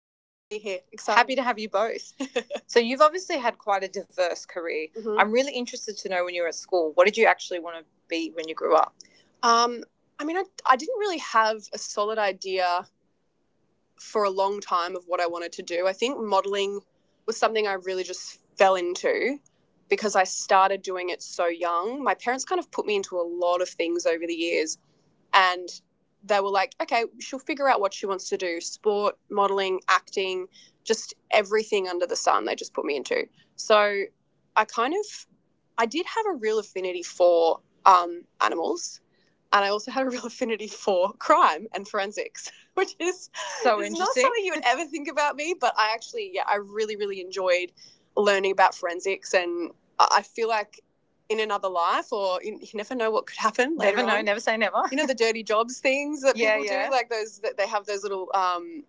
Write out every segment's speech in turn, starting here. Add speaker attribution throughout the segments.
Speaker 1: oh, we're happy to be here. Excited. Happy to have you both. so you've obviously had quite a diverse career. Mhm. I'm really interested to know when you were at school, what did you actually want to be when you grew up? Um, I mean, I didn't really have a solid idea for a long time of what I wanted to do. I think modeling was something I really just fell into because I started doing it so young. My parents kind of put me into a lot of things over the years, and they were like, okay, she'll figure out what she wants to do, sport, modeling, acting, just everything under the sun they just put me into. So I kind of, I did have a real affinity for animals, and I also had a real affinity for crime and forensics, which is so interesting. It's not something you would ever think about me. But I actually, yeah, I really, really enjoyed learning about forensics, and I feel like in another life, you never know what could happen. Never know, on. Never say never. You know the dirty jobs things that yeah, people yeah, do, like those that they have those little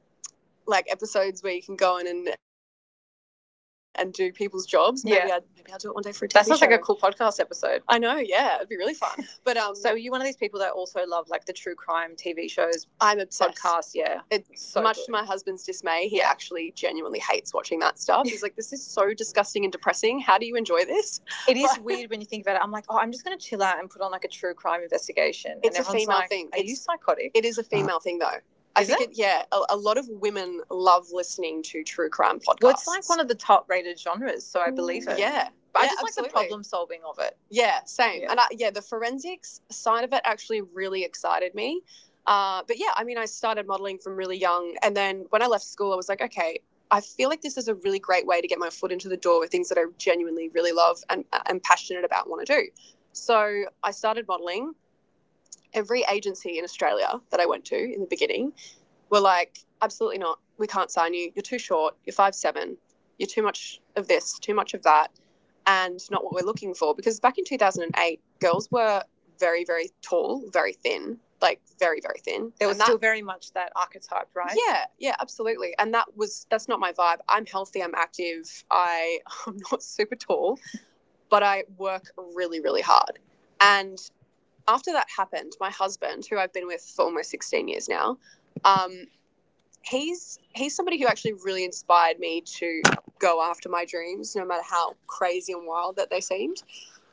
Speaker 1: like episodes where you can go in and do people's jobs. Maybe yeah, I'd maybe I'll do it one day for a TV That sounds show. Like a cool podcast episode. I know, yeah, it'd be really fun. But so are you one of these people that also love like the true crime TV shows, I'm obsessed, podcasts? Yeah, it's so much good, to my husband's dismay. He actually genuinely hates watching that stuff. He's like, "This is so disgusting and depressing. How do you enjoy this?" It is weird when you think about it. I'm like, oh, I'm just going to chill out and put on like a true crime investigation. It's a and everyone's female like, thing. Are it's, you psychotic? It is a female thing, though. I Is think it? Yeah, a lot of women love listening to true crime podcasts. Well, it's like one of the top rated genres, so I believe it, yeah. But yeah, I, yeah, just absolutely, like the problem solving of it. Yeah, same. Yeah. And yeah, the forensics side of it actually really excited me. But yeah, I mean, I started modeling from really young. And then when I left school, I was like, okay, I feel like this is a really great way to get my foot into the door with things that I genuinely really love and am passionate about, and want to do. So I started modeling. Every agency in Australia that I went to in the beginning were like, absolutely not. We can't sign you. You're too short. You're 5'7". You're too much of this, too much of that, and not what we're looking for. Because back in 2008, girls were very, very tall, very thin, like very, very thin. There was still very much that archetype, right? Yeah, yeah, absolutely. And that was that's not my vibe. I'm healthy, I'm active, I I'm not super tall, but I work really, really hard. And after that happened, my husband, who I've been with for almost 16 years now, um, he's somebody who actually really inspired me to go after my dreams, no matter how crazy and wild that they seemed.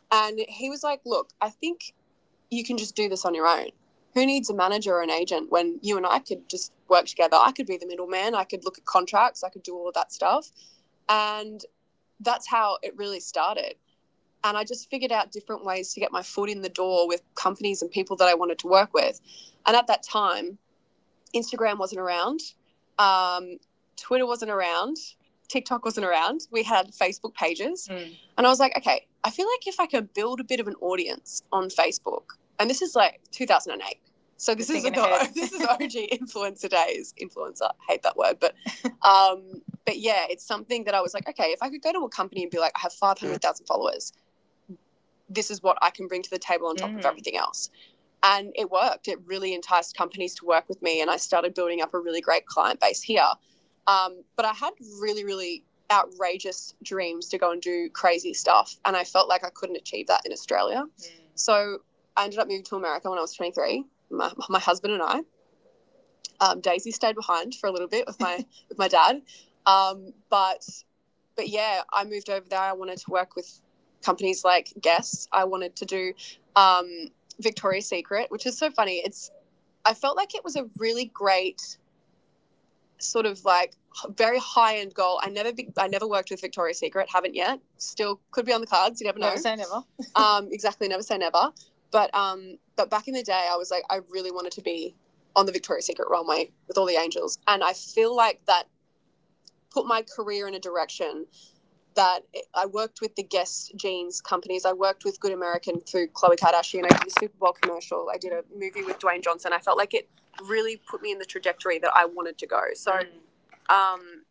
Speaker 1: And he was like, look, I think you can just do this on your own. Who needs a manager or an agent when you and I could just work together? I could be the middleman, I could look at contracts, I could do all of that stuff. And that's how it really started. And I just figured out different ways to get my foot in the door with companies and people that I wanted to work with. And at that time, Instagram wasn't around, um, Twitter wasn't around, TikTok wasn't around. We had Facebook pages. Mm. And I was like, okay, I feel like if I could build a bit of an audience on Facebook, and this is like 2008. So this is thinking this is OG influencer days. Influencer, I hate that word, but but yeah, it's something that I was like, okay, if I could go to a company and be like, I have 500,000 followers, this is what I can bring to the table on top, mm, of everything else. And it worked. It really enticed companies to work with me, and I started building up a really great client base here. But I had really, really outrageous dreams to go and do crazy stuff, and I felt like I couldn't achieve that in Australia. Mm. So I ended up moving to America when I was 23. My husband and I. Daisy stayed behind for a little bit with my with my dad, um, but but yeah, I moved over there. I wanted to work with companies like Guess. I wanted to do um, Victoria's Secret, which is so funny. It's I felt like it was a really great sort of like very high end goal. I never worked with Victoria's Secret. Haven't yet. Still could be on the cards. You never know. Never say never. Exactly. Never say never. But back in the day, I was like, I really wanted to be on the Victoria's Secret runway with all the angels, and I feel like that put my career in a direction that I worked with the guest jeans companies. I worked with Good American through Khloe Kardashian. I did a Super Bowl commercial. I did a movie with Dwayne Johnson. I felt like it really put me in the trajectory that I wanted to go. So, um,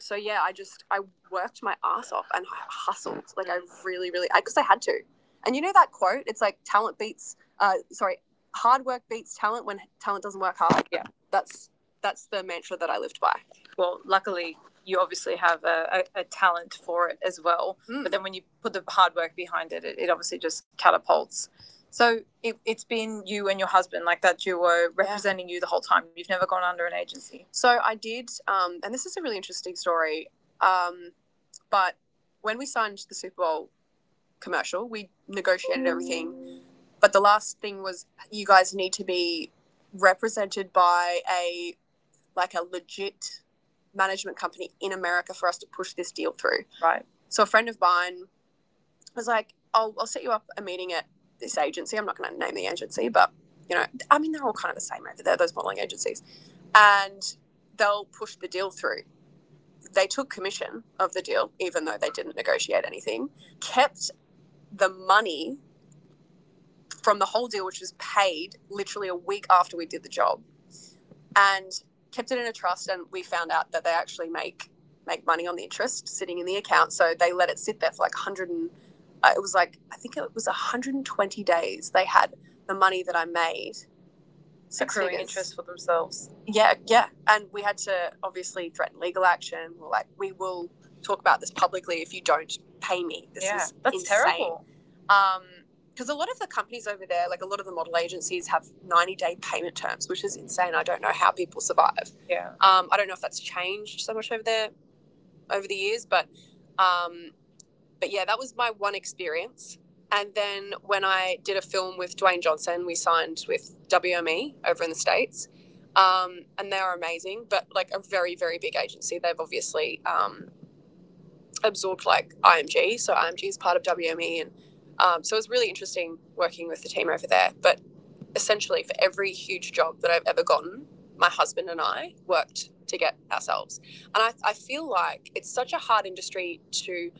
Speaker 1: so yeah, I just I worked my ass off and hustled. Like I really, really, because I had to. And you know that quote? It's like talent beats. Sorry, hard work beats talent when talent doesn't work hard. Yeah. that's that's the mantra that I lived by. Well, luckily, you obviously have a talent for it as well. Mm. But then when you put the hard work behind it, it obviously just catapults, so it's been you and your husband, like that duo, representing you the whole time. You've never gone under an agency. So I did, and this is a really interesting story. But when we signed the Super Bowl commercial, we negotiated everything. But the last thing was, you guys need to be represented by a like a legit management company in America for us to push this deal through. Right. So a friend of mine was like, I'll set you up a meeting at this agency. I'm not going to name the agency, but, you know, I mean, they're all kind of the same over there, those modeling agencies. And they'll push the deal through. They took commission of the deal, even though they didn't negotiate anything, kept the money from the whole deal, which was paid literally a week after we did the job, and kept it in a trust, and we found out that they actually make money on the interest sitting in the account. So they let it sit there for like 100 and it was like I think it was 120 days. They had the money that I made six accruing figures interest for themselves. Yeah, yeah. And we had to obviously threaten legal action. We're like, we will talk about this publicly if you don't pay me. This yeah, is that's insane, terrible. Um, because a lot of the companies over there, like a lot of the model agencies, have 90-day payment terms, which is insane. I don't know how people survive. Yeah. I don't know if that's changed so much over there over the years, um, but yeah, that was my one experience. And then when I did a film with Dwayne Johnson, we signed with WME over in the States. And they are amazing, but like a very, very big agency. They've obviously absorbed like IMG. So IMG is part of WME. And so it was really interesting working with the team over there. But essentially for every huge job that I've ever gotten, my husband and I worked to get ourselves. And I feel like it's such a hard industry to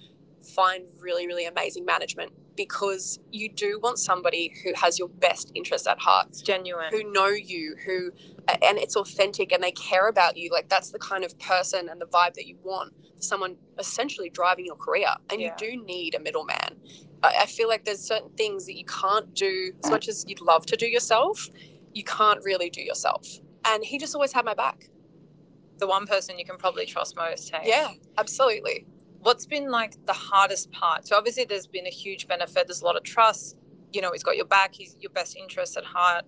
Speaker 1: find really, really amazing management, because you do want somebody who has your best interests at heart. It's genuine. Who know you, who, and it's authentic and they care about you. Like that's the kind of person and the vibe that you want for someone essentially driving your career. And yeah, you do need a middleman. Feel like there's certain things that you can't do as much as you'd love to do yourself. You can't really do yourself. And he just always had my back, the one person you can probably trust most. Hey? Yeah, absolutely. What's been like the hardest part? So obviously, there's been a huge benefit. There's a lot of trust. You know, he's got your back. He's your best interest at heart.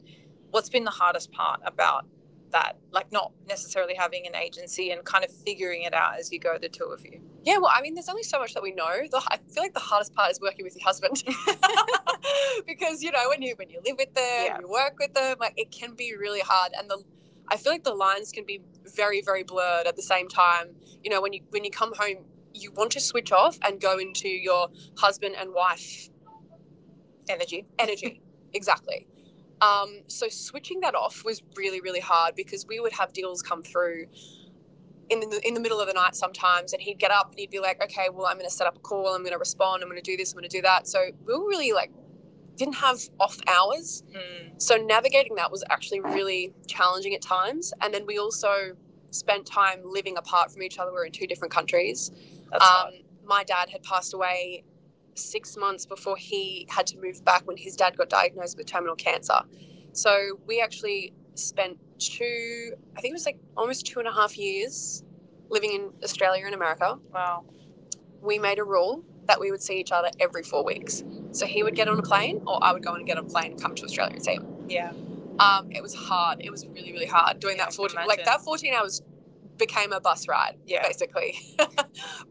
Speaker 1: What's been the hardest part about that? Like not necessarily having an agency and kind of figuring it out as you go, the two of you. Yeah, well, I mean, there's only so much that we know. I feel like the hardest part is working with your husband because you know when you live with them. Yeah, you work with them, like it can be really hard. And the I feel like the lines can be very, very blurred at the same time. You know, when you come home, you want to switch off and go into your husband and wife energy. Energy. Exactly. So switching that off was really, really hard because we would have deals come through in the middle of the night sometimes, and he'd get up and he'd be like, "Okay, well, I'm going to set up a call. I'm going to respond. I'm going to do this. I'm going to do that." So we were really like didn't have off hours, so navigating that was actually really challenging at times. And then we also spent time living apart from each other. We were in two different countries. That's hard. My dad had passed away 6 months before he had to move back when his dad got diagnosed with terminal cancer. So we actually spent I think it was like almost two and a half years living in Australia and America. Wow. We made a rule that we would see each other every 4 weeks. So he would get on a plane, or I would go and get on a plane, and come to Australia and see him. Yeah. It was hard. It was really, really hard doing, yeah, that fourteen. Like that 14 hours became a bus ride, yeah, basically.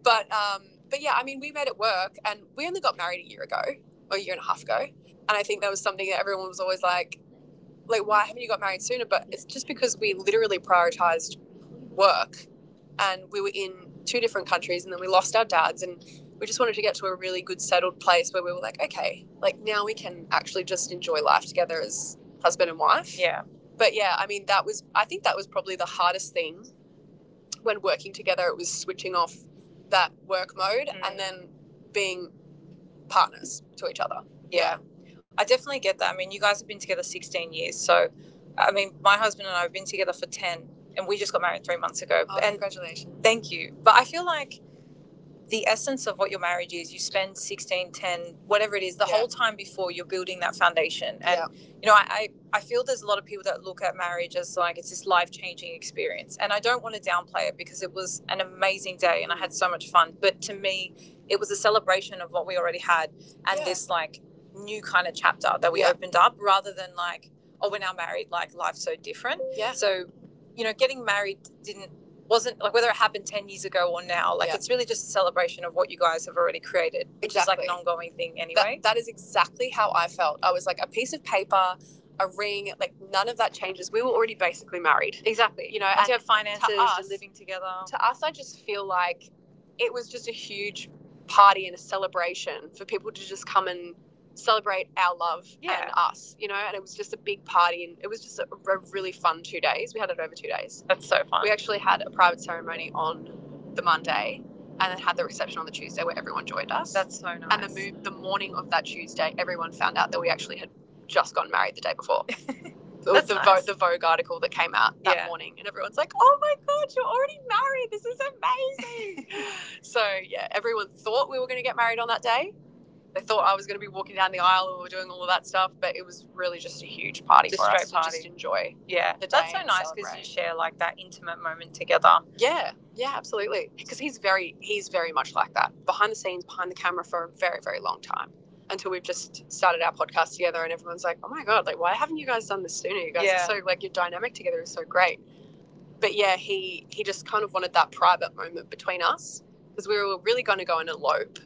Speaker 1: But um, but yeah, I mean, we made it work, and we only got married a year ago or a year and a half ago, and I think that was something that everyone was always like, why haven't you got married sooner? But it's just because we literally prioritized work, and we were in two different countries, and then we lost our dads, and we just wanted to get to a really good settled place where we were like, okay, like now we can actually just enjoy life together as husband and wife. Yeah. But yeah, I mean, that was probably the hardest thing when working together, it was switching off that work mode. Mm. And then being partners to each other. Yeah, I definitely get that. I mean, you guys have been together 16 years. So, I mean, my husband and I have been together for 10, and we just got married 3 months ago. Oh, and congratulations. Thank you. But I feel like the essence of what your marriage is, you spend 16, 10, whatever it is, the, yeah, whole time before you're building that foundation. And yeah, you know, I feel there's a lot of people that look at marriage as like it's this life-changing experience, and I don't want to downplay it because it was an amazing day and I had so much fun, but to me, it was a celebration of what we already had. And yeah, this like new kind of chapter that we, yeah, opened up rather than like, oh, we're now married, like life's so different. Yeah. So, you know, getting married didn't wasn't like whether it happened 10 years ago or now, like, yeah, it's really just a celebration of what you guys have already created, which is, exactly, is like an ongoing thing. Anyway, that is exactly how I felt. I was like, a piece of paper, a ring, like none of that changes. We were already basically married. Exactly. You know, once and you have finances, you're living together, to us, I just feel like it was just a huge party and a celebration for people to just come and celebrate our love. Yeah. And us, you know. And it was just a big party, and it was just a really fun 2 days. We had it over 2 days. That's so fun. We actually had a private ceremony on the Monday, and then had the reception on the Tuesday where everyone joined us. That's so nice. And the morning of that Tuesday, everyone found out that we actually had just gotten married the day before. It was that's nice. The Vogue article that came out that, yeah, morning, and everyone's like, "Oh my god, you're already married! This is amazing!" So yeah, everyone thought we were going to get married on that day, they thought I was going to be walking down the aisle or doing all of that stuff, but it was really just a huge party. Just for straight us to party. To just enjoy. Yeah, the day, that's so nice because you share like that intimate moment together. Yeah, yeah, absolutely. Because he's very much like that. Behind the scenes, behind the camera for a very, very long time until we've just started our podcast together, and everyone's like, "Oh my god, like why haven't you guys done this sooner? You guys, yeah, are so like your dynamic together is so great." But yeah, he just kind of wanted that private moment between us because we were really going to go and elope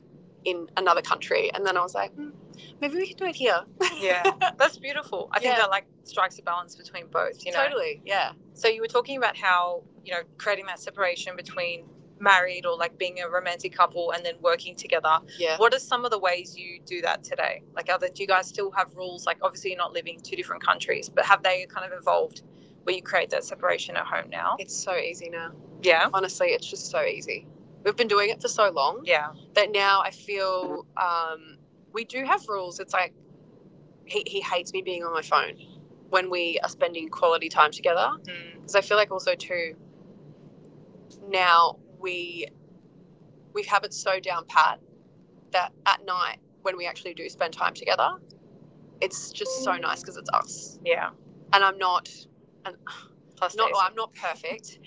Speaker 1: in another country. And then I was like, mm, maybe we can do it here. Yeah, that's beautiful. I think, yeah, that like strikes a balance between both. You know, totally. Yeah. So you were talking about how, you know, creating that separation between married or like being a romantic couple and then working together. Yeah. What are some of the ways you do that today? Like, do you guys still have rules? Like, obviously, you're not living in two different countries, but have they kind of evolved where you create that separation at home now? It's so easy now. Yeah, honestly, it's just so easy. We've been doing it for so long. Yeah, that now I feel, we do have rules. It's like he hates me being on my phone when we are spending quality time together. Because, mm, I feel like also too, now we have it so down pat that at night when we actually do spend time together, it's just so nice because it's us. Yeah. And I'm not and Plus not I'm not perfect.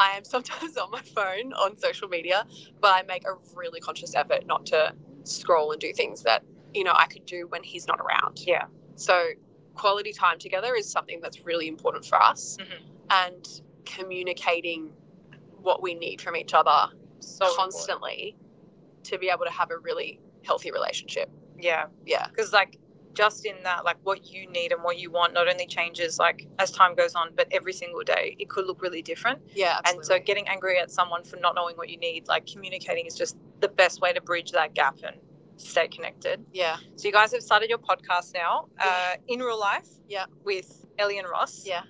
Speaker 1: I am sometimes on my phone on social media, but I make a really conscious effort not to scroll and do things that, you know, I could do when he's not around. Yeah. So, quality time together is something that's really important for us, hmm, and communicating what we need from each other, so, constantly, to be able to have a really healthy relationship. Yeah. Yeah. Because like just in that, like what you need and what you want not only changes like as time goes on, but every single day it could look really different. Yeah. Absolutely. And so getting angry at someone for not knowing what you need, like communicating is just the best way to bridge that gap and stay connected. Yeah. So you guys have started your podcast now, yeah, In Real Life. Yeah, with Ellie and Ross. Yeah,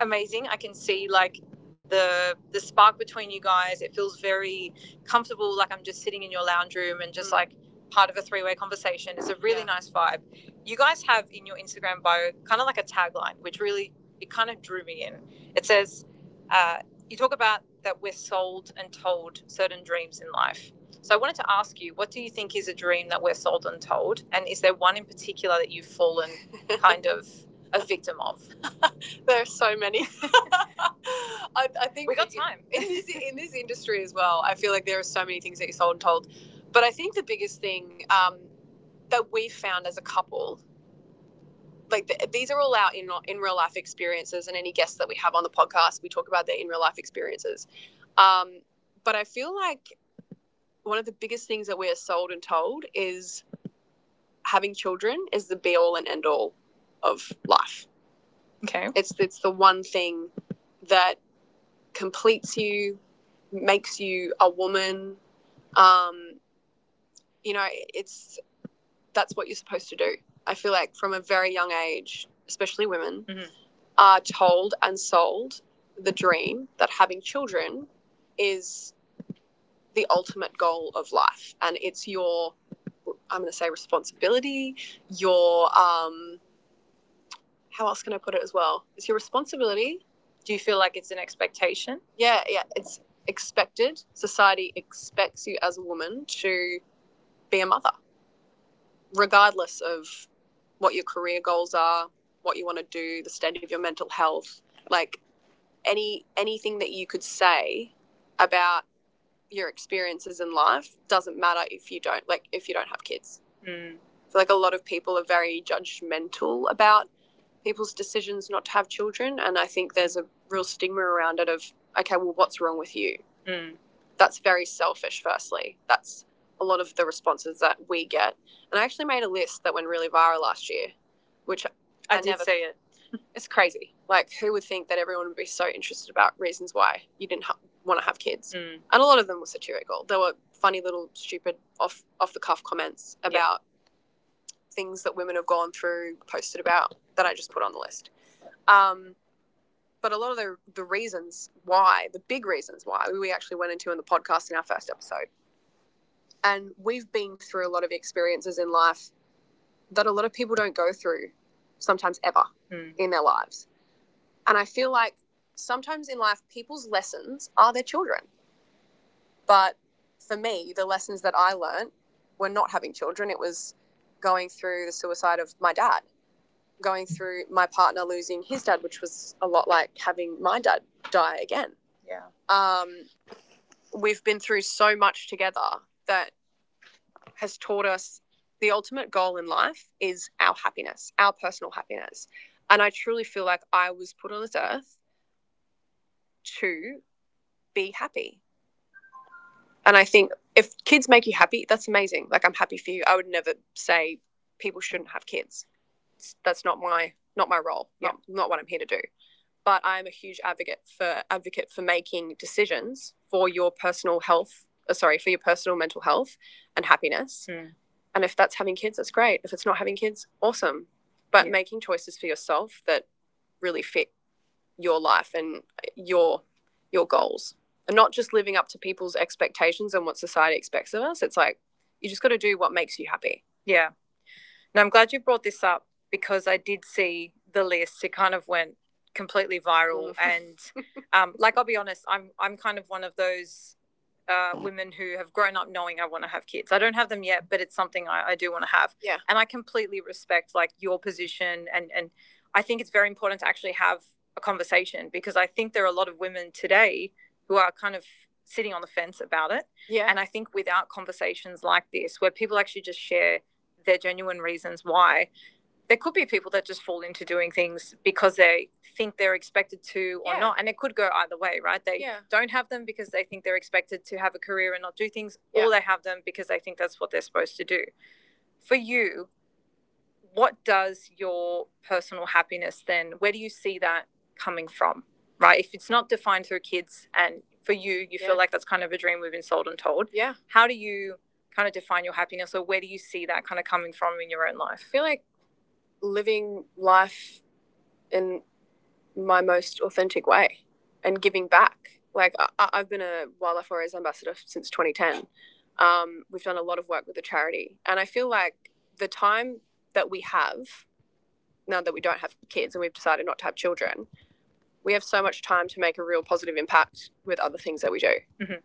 Speaker 1: amazing. I can see like the spark between you guys. It feels very comfortable, like I'm just sitting in your lounge room and just, mm, like part of a three-way conversation. It's a really, yeah, nice vibe. You guys have in your Instagram bio kind of like a tagline, which really it kind of drew me in. It says, uh, "You talk about that we're sold and told certain dreams in life." So I wanted to ask you, what do you think is a dream that we're sold and told, and is there one in particular that you've fallen kind of a victim of? There's so many. I think, we got time, in this industry as well. I feel like there are so many things that you're sold and told, but I think the biggest thing that we've found as a couple, like th these are all our in real life experiences, and any guests that we have on the podcast, we talk about their in real life experiences. Um, but I feel like one of the biggest things that we are sold and told is having children is the be all and end all of life. Okay. It's the one thing that completes you, makes you a woman. Um, you know, it's that's what you're supposed to do. I feel like from a very young age, especially women, Mhm. are told and sold the dream that having children is the ultimate goal of life, and it's your I'm going to say responsibility, your how else can I put it as well? It's your responsibility. Do you feel like it's an expectation? Yeah, yeah, it's expected. Society expects you as a woman to be a mother, regardless of what your career goals are, what you want to do, the state of your mental health, like anything that you could say about your experiences in life doesn't matter if you don't like if you don't have kids. Mm. I feel like a lot of people are very judgmental about people's decisions not to have children, and I think there's a real stigma around it of okay, well, what's wrong with you? Mm. That's very selfish. Firstly, that's a lot of the responses that we get, and I actually made a list that went really viral last year, which I did see it. It's crazy. Like, who would think that everyone would be so interested about reasons why you didn't ha- want to have kids? Mm. And a lot of them were satirical. There were funny little, stupid, off the cuff comments about yeah. Things that women have gone through, posted about that I just put on the list. Um, but a lot of the reasons why, the big reasons why, we actually went into in the podcast in our first episode. And we've been through a lot of experiences in life that a lot of people don't go through sometimes ever Mm. in their lives. And I feel like sometimes in life, people's lessons are their children. But for me, the lessons that I learnt were not having children, it was going through the suicide of my dad going through my partner losing his dad, which was a lot like having my dad die again. Yeah. We've been through so much together that has taught us the ultimate goal in life is our happiness, our personal happiness. And I truly feel like I was put on this earth to be happy. And I think if kids make you happy, that's amazing. Like I'm happy for you. I would never say people shouldn't have kids. That's not my role. Yeah. Not what I'm here to do. But I'm a huge advocate for making decisions for your for your personal mental health and happiness. Mm. And if that's having kids, that's great. If it's not having kids, awesome. But yeah. Making choices for yourself that really fit your life and your goals, and not just living up to people's expectations and what society expects of us. It's like you just got to do what makes you happy. Yeah. Now, I'm glad you brought this up because I did see the list. It kind of went completely viral, and like I'll be honest, I'm kind of one of those mm. Women who have grown up knowing I want to have kids. I don't have them yet, but it's something I do want to have. Yeah. And I completely respect like your position, and I think it's very important to actually have a conversation because I think there are a lot of women today who are kind of sitting on the fence about it. Yeah. And I think without conversations like this, where people actually just share their genuine reasons why, there could be people that just fall into doing things because they think they're expected to or yeah, not, and it could go either way, right? They yeah, don't have them because they think they're expected to have a career and not do things, yeah, or they have them because they think that's what they're supposed to do. For you, what does your personal happiness then, where do you see that coming from, right, if it's not defined through kids? And for you, yeah, feel like that's kind of a dream we've been sold and told. Yeah. How do you kind of define your happiness, or where do you see that kind of coming from in your own I life? I feel like living life in my most authentic way and giving back. Like have been a Wildlife Warriors ambassador since 2010. We've done a lot of work with the charity, and I feel like the time that we have now that we don't have kids and we've decided not to have children, we have so much time to make a real positive impact with other things that we do. Mhm.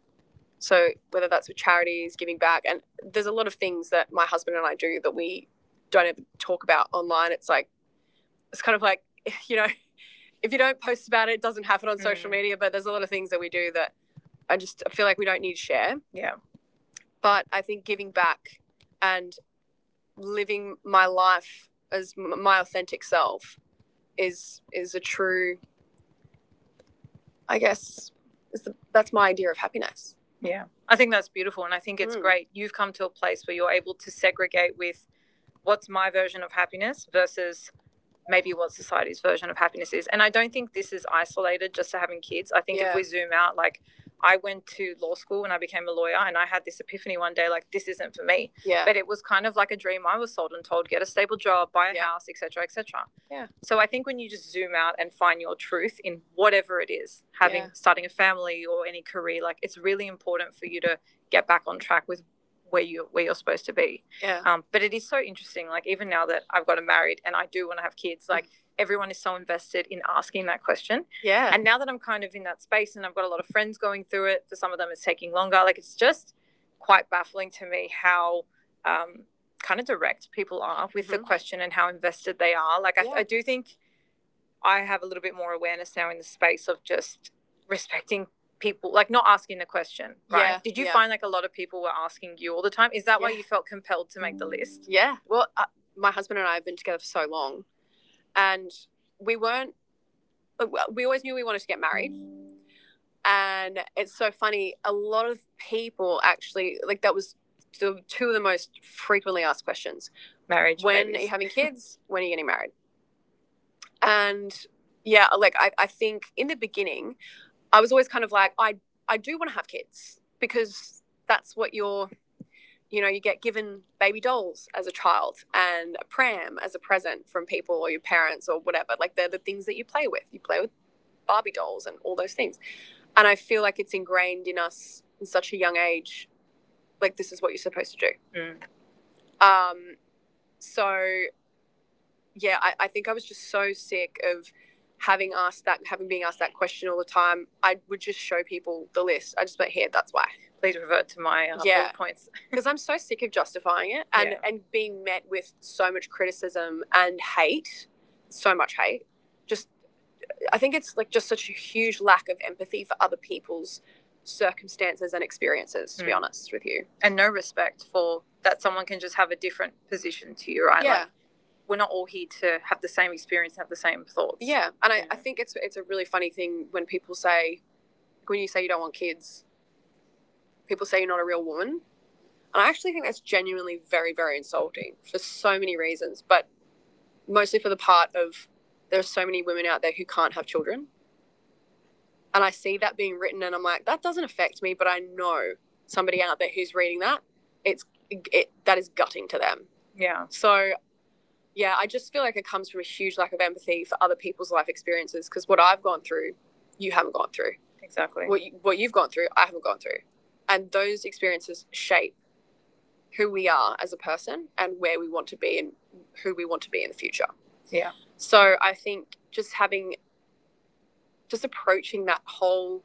Speaker 1: So whether that's with charities, giving back, and there's a lot of things that my husband and I do that we don't ever talk about online. It's like it's kind of like you know if you don't post about it, it doesn't happen on mm. social media, but there's a lot of things that we do that I feel like we don't need to share. Yeah. But I think giving back and living my life as my authentic self is a true, I guess, that's my idea of happiness. Yeah. I think that's beautiful. And I think it's Mm. great. You've come to a place where you're able to segregate with what's my version of happiness versus maybe what society's version of happiness is. And I don't think this is isolated just to having kids. I think yeah, if we zoom out, like I went to law school and I became a lawyer and I had this epiphany one day, like this isn't for me. Yeah. But it was kind of like a dream I was sold and told, get a stable job, buy a yeah, house, etc., etc. Yeah. So I think when you just zoom out and find your truth in whatever it is, having yeah, starting a family or any career, like it's really important for you to get back on track with where you're supposed to be. Yeah. But it is so interesting. Like even now that I've gotten married and I do want to have kids, like mm. Everyone is so invested in asking that question. Yeah. And now that I'm kind of in that space and I've got a lot of friends going through it, for some of them it's taking longer. Like it's just quite baffling to me how um, kind of direct people are with mm-hmm. The Mhm. question and how invested they are. Like yeah, I do think I have a little bit more awareness now in the space of just respecting people, like not asking the question, right? Yeah. Did you yeah, find like a lot of people were asking you all the time? Is that yeah, why yeah, you felt compelled to make the list? Yeah. Well, my husband and I have been together for so long, and we weren't. Well, we always knew we wanted to get married, and it's so funny. A lot of people actually like that was the two of the most frequently asked questions. Marriage. When babies. Are you having kids? When are you getting married? And yeah, like I think in the beginning, I was always kind of like, I do want to have kids because that's what you're, you know, you get given baby dolls as a child and a pram as a present from people or your parents or whatever. Like they're the things that you play with. You play with Barbie dolls and all those things. And I feel like it's ingrained in us in such a young age. Like this is what you're supposed to do. Mm. Um, so yeah, I think I was just so sick of having being asked that question all the time. I would just show people the list. I just went here. That's why. Please revert to my yeah, bullet points. Because I'm so sick of justifying it, and yeah, and being met with so much criticism and hate, so much hate. Just I think it's like just such a huge lack of empathy for other people's circumstances and experiences. To mm. be Mm. honest with you, and no respect for that someone can just have a different position to you, right? Yeah. Like we're not all here to have the same experience and have the same thoughts. Yeah, Yeah. I think it's a really funny thing when people say when you say you don't want kids, people say you're not a real woman, and I actually think that's genuinely very very insulting for so many reasons, but mostly for the part of there are so many women out there who can't have children, and I see that being written, and I'm like that doesn't affect me, but I know somebody out there who's reading that, that is gutting to them. Yeah. So yeah, I just feel like it comes from a huge lack of empathy for other people's life experiences because what I've gone through, you haven't gone through. Exactly. What you've gone through, I haven't gone through. And those experiences shape who we are as a person and where we want to be and who we want to be in the future. Yeah. So I think just having just approaching that whole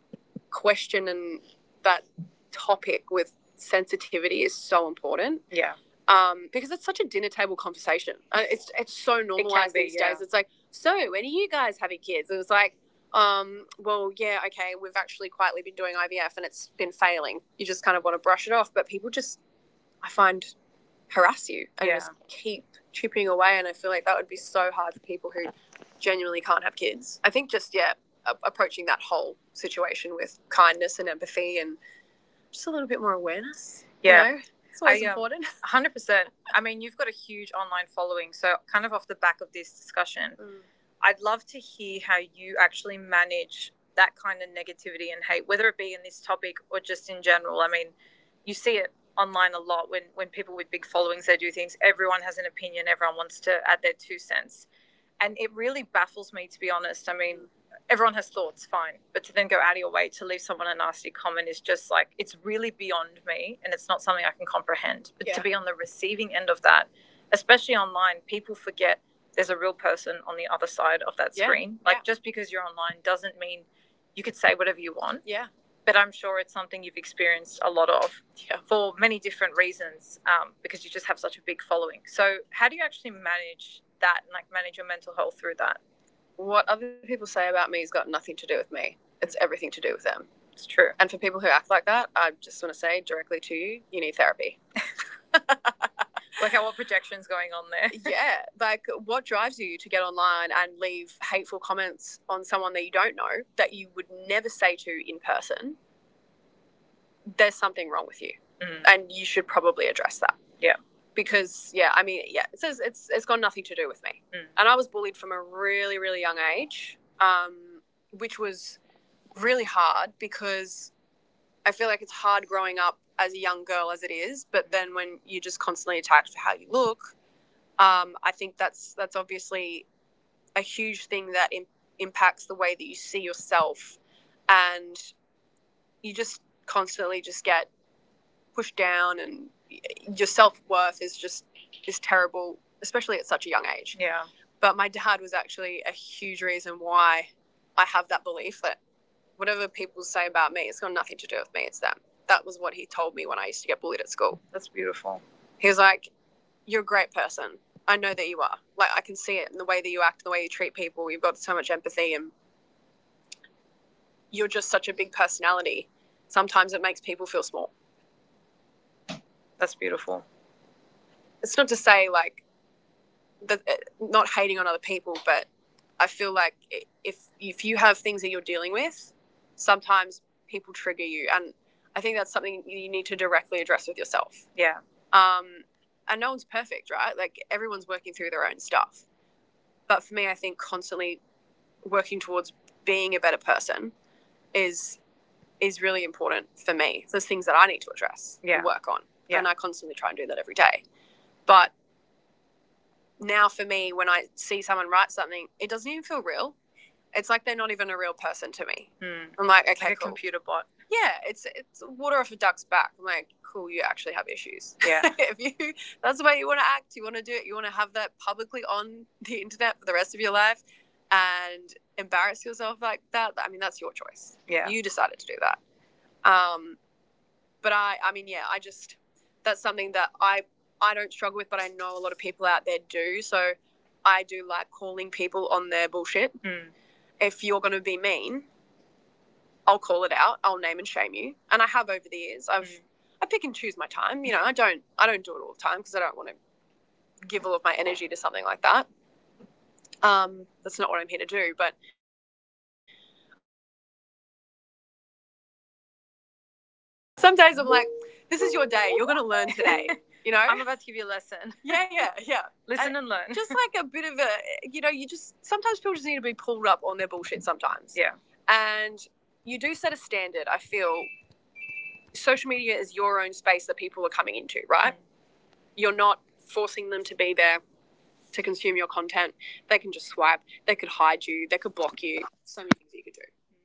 Speaker 1: question and that topic with sensitivity is so important. Yeah. Because it's such a dinner table conversation. It's so normalized these days. It's like, so when are you guys having kids? And it's like, well, yeah, okay, we've actually quietly been doing IVF and it's been failing. You just kind of want to brush it off, but people just, I find, harass you and Yeah. just keep chipping away. And I feel like that would be so hard for people who genuinely can't have kids. I think just, yeah, approaching that whole situation with kindness and empathy and just a little bit more awareness. Yeah. You know? It's always I, important. Important. 100%. I mean, you've got a huge online following, so kind of off the back of this discussion, I'd love to hear how you actually manage that kind of negativity and hate, whether it be in this topic or just in general. I mean, you see it online a lot when people with big followings they do things, everyone has an opinion, everyone wants to add their two cents, and it really baffles me to be honest. I mean, everyone has thoughts, fine, but to then go out of your way to leave someone a nasty comment is just like it's really beyond me, and it's not something I can comprehend. But Yeah. to be on the receiving end of that, especially online, people forget there's a real person on the other side of that Yeah, screen. Yeah. Like yeah. just because you're online doesn't mean you could say whatever you want Yeah. but I'm sure it's something you've experienced a lot of yeah. for many different reasons because you just have such a big following. So, how do you actually manage that and like manage your mental health through that? What other people say about me has got nothing to do with me. It's everything to do with them. It's true. And for people who act like that, I just want to say directly to you, you need therapy. Like, what projections going on there? Yeah, like what drives you to get online and leave hateful comments on someone that you don't know that you would never say to in person? There's something wrong with you, mm. and you should probably address that. Yeah. Because yeah, I mean yeah, it says it's got nothing to do with me, Mm. and I was bullied from a really really young age, which was really hard because I feel like it's hard growing up as a young girl as it is, but then when you're just constantly attacked for how you look, I think that's obviously a huge thing that impacts the way that you see yourself, and you just constantly just get pushed down and your self worth is just is terrible, especially at such a young age. Yeah. But my dad was actually a huge reason why I have that belief that whatever people say about me, it's got nothing to do with me, it's them. That was what he told me when I used to get bullied at school. That's beautiful. He was like, you're a great person. I know that you are. Like, I can see it in the way that you act, the way you treat people. You've got so much empathy, and you're just such a big personality. Sometimes it makes people feel small. That's beautiful. It's not to say, like, not hating on other people, but I feel like if you have things that you're dealing with, sometimes people trigger you, and I think that's something you need to directly address with yourself. Yeah. Um, and no one's perfect, right? Like everyone's working through their own stuff. But for me, I think constantly working towards being a better person is is really important for me. So there's things that I need to address Yeah. and work on, Yeah. and I constantly try and do that every day. But now for me, when I see someone write something, it doesn't even feel real. It's like they're not even a real person to me. Hmm. I'm like, okay, like okay, a cool. Computer bot. Yeah, it's water off a duck's back. I'm like, cool, you actually have issues. Yeah. if you that's the way you want to act, you want to do it, you want to have that publicly on the internet for the rest of your life, and embarrass yourself like that. I mean, that's your choice. Yeah. You decided to do that. Um, I mean, yeah, I just that's something that I don't struggle with, but I know a lot of people out there do. So I do like calling people on their bullshit. Mm. If you're going to be mean, I'll call it out. I'll name and shame you, and I have over the years. I've Mm. I pick and choose my time. You know, I don't do it all the time because I don't want to give all of my energy to something like that. That's not what I'm here to do. But
Speaker 2: Days I'm like, this is your day. You're going to learn today. You know? I'm about to give you a lesson. Yeah, yeah, yeah. Listen and learn. Just like a bit of a, you just sometimes people just need to be pulled up on their bullshit sometimes. Yeah. And you do set a standard. I feel social media is your own space that people are coming into, right? Mm. You're not forcing them to be there to consume your content. They can just swipe. They could hide you. They could block you. So many things that you could do.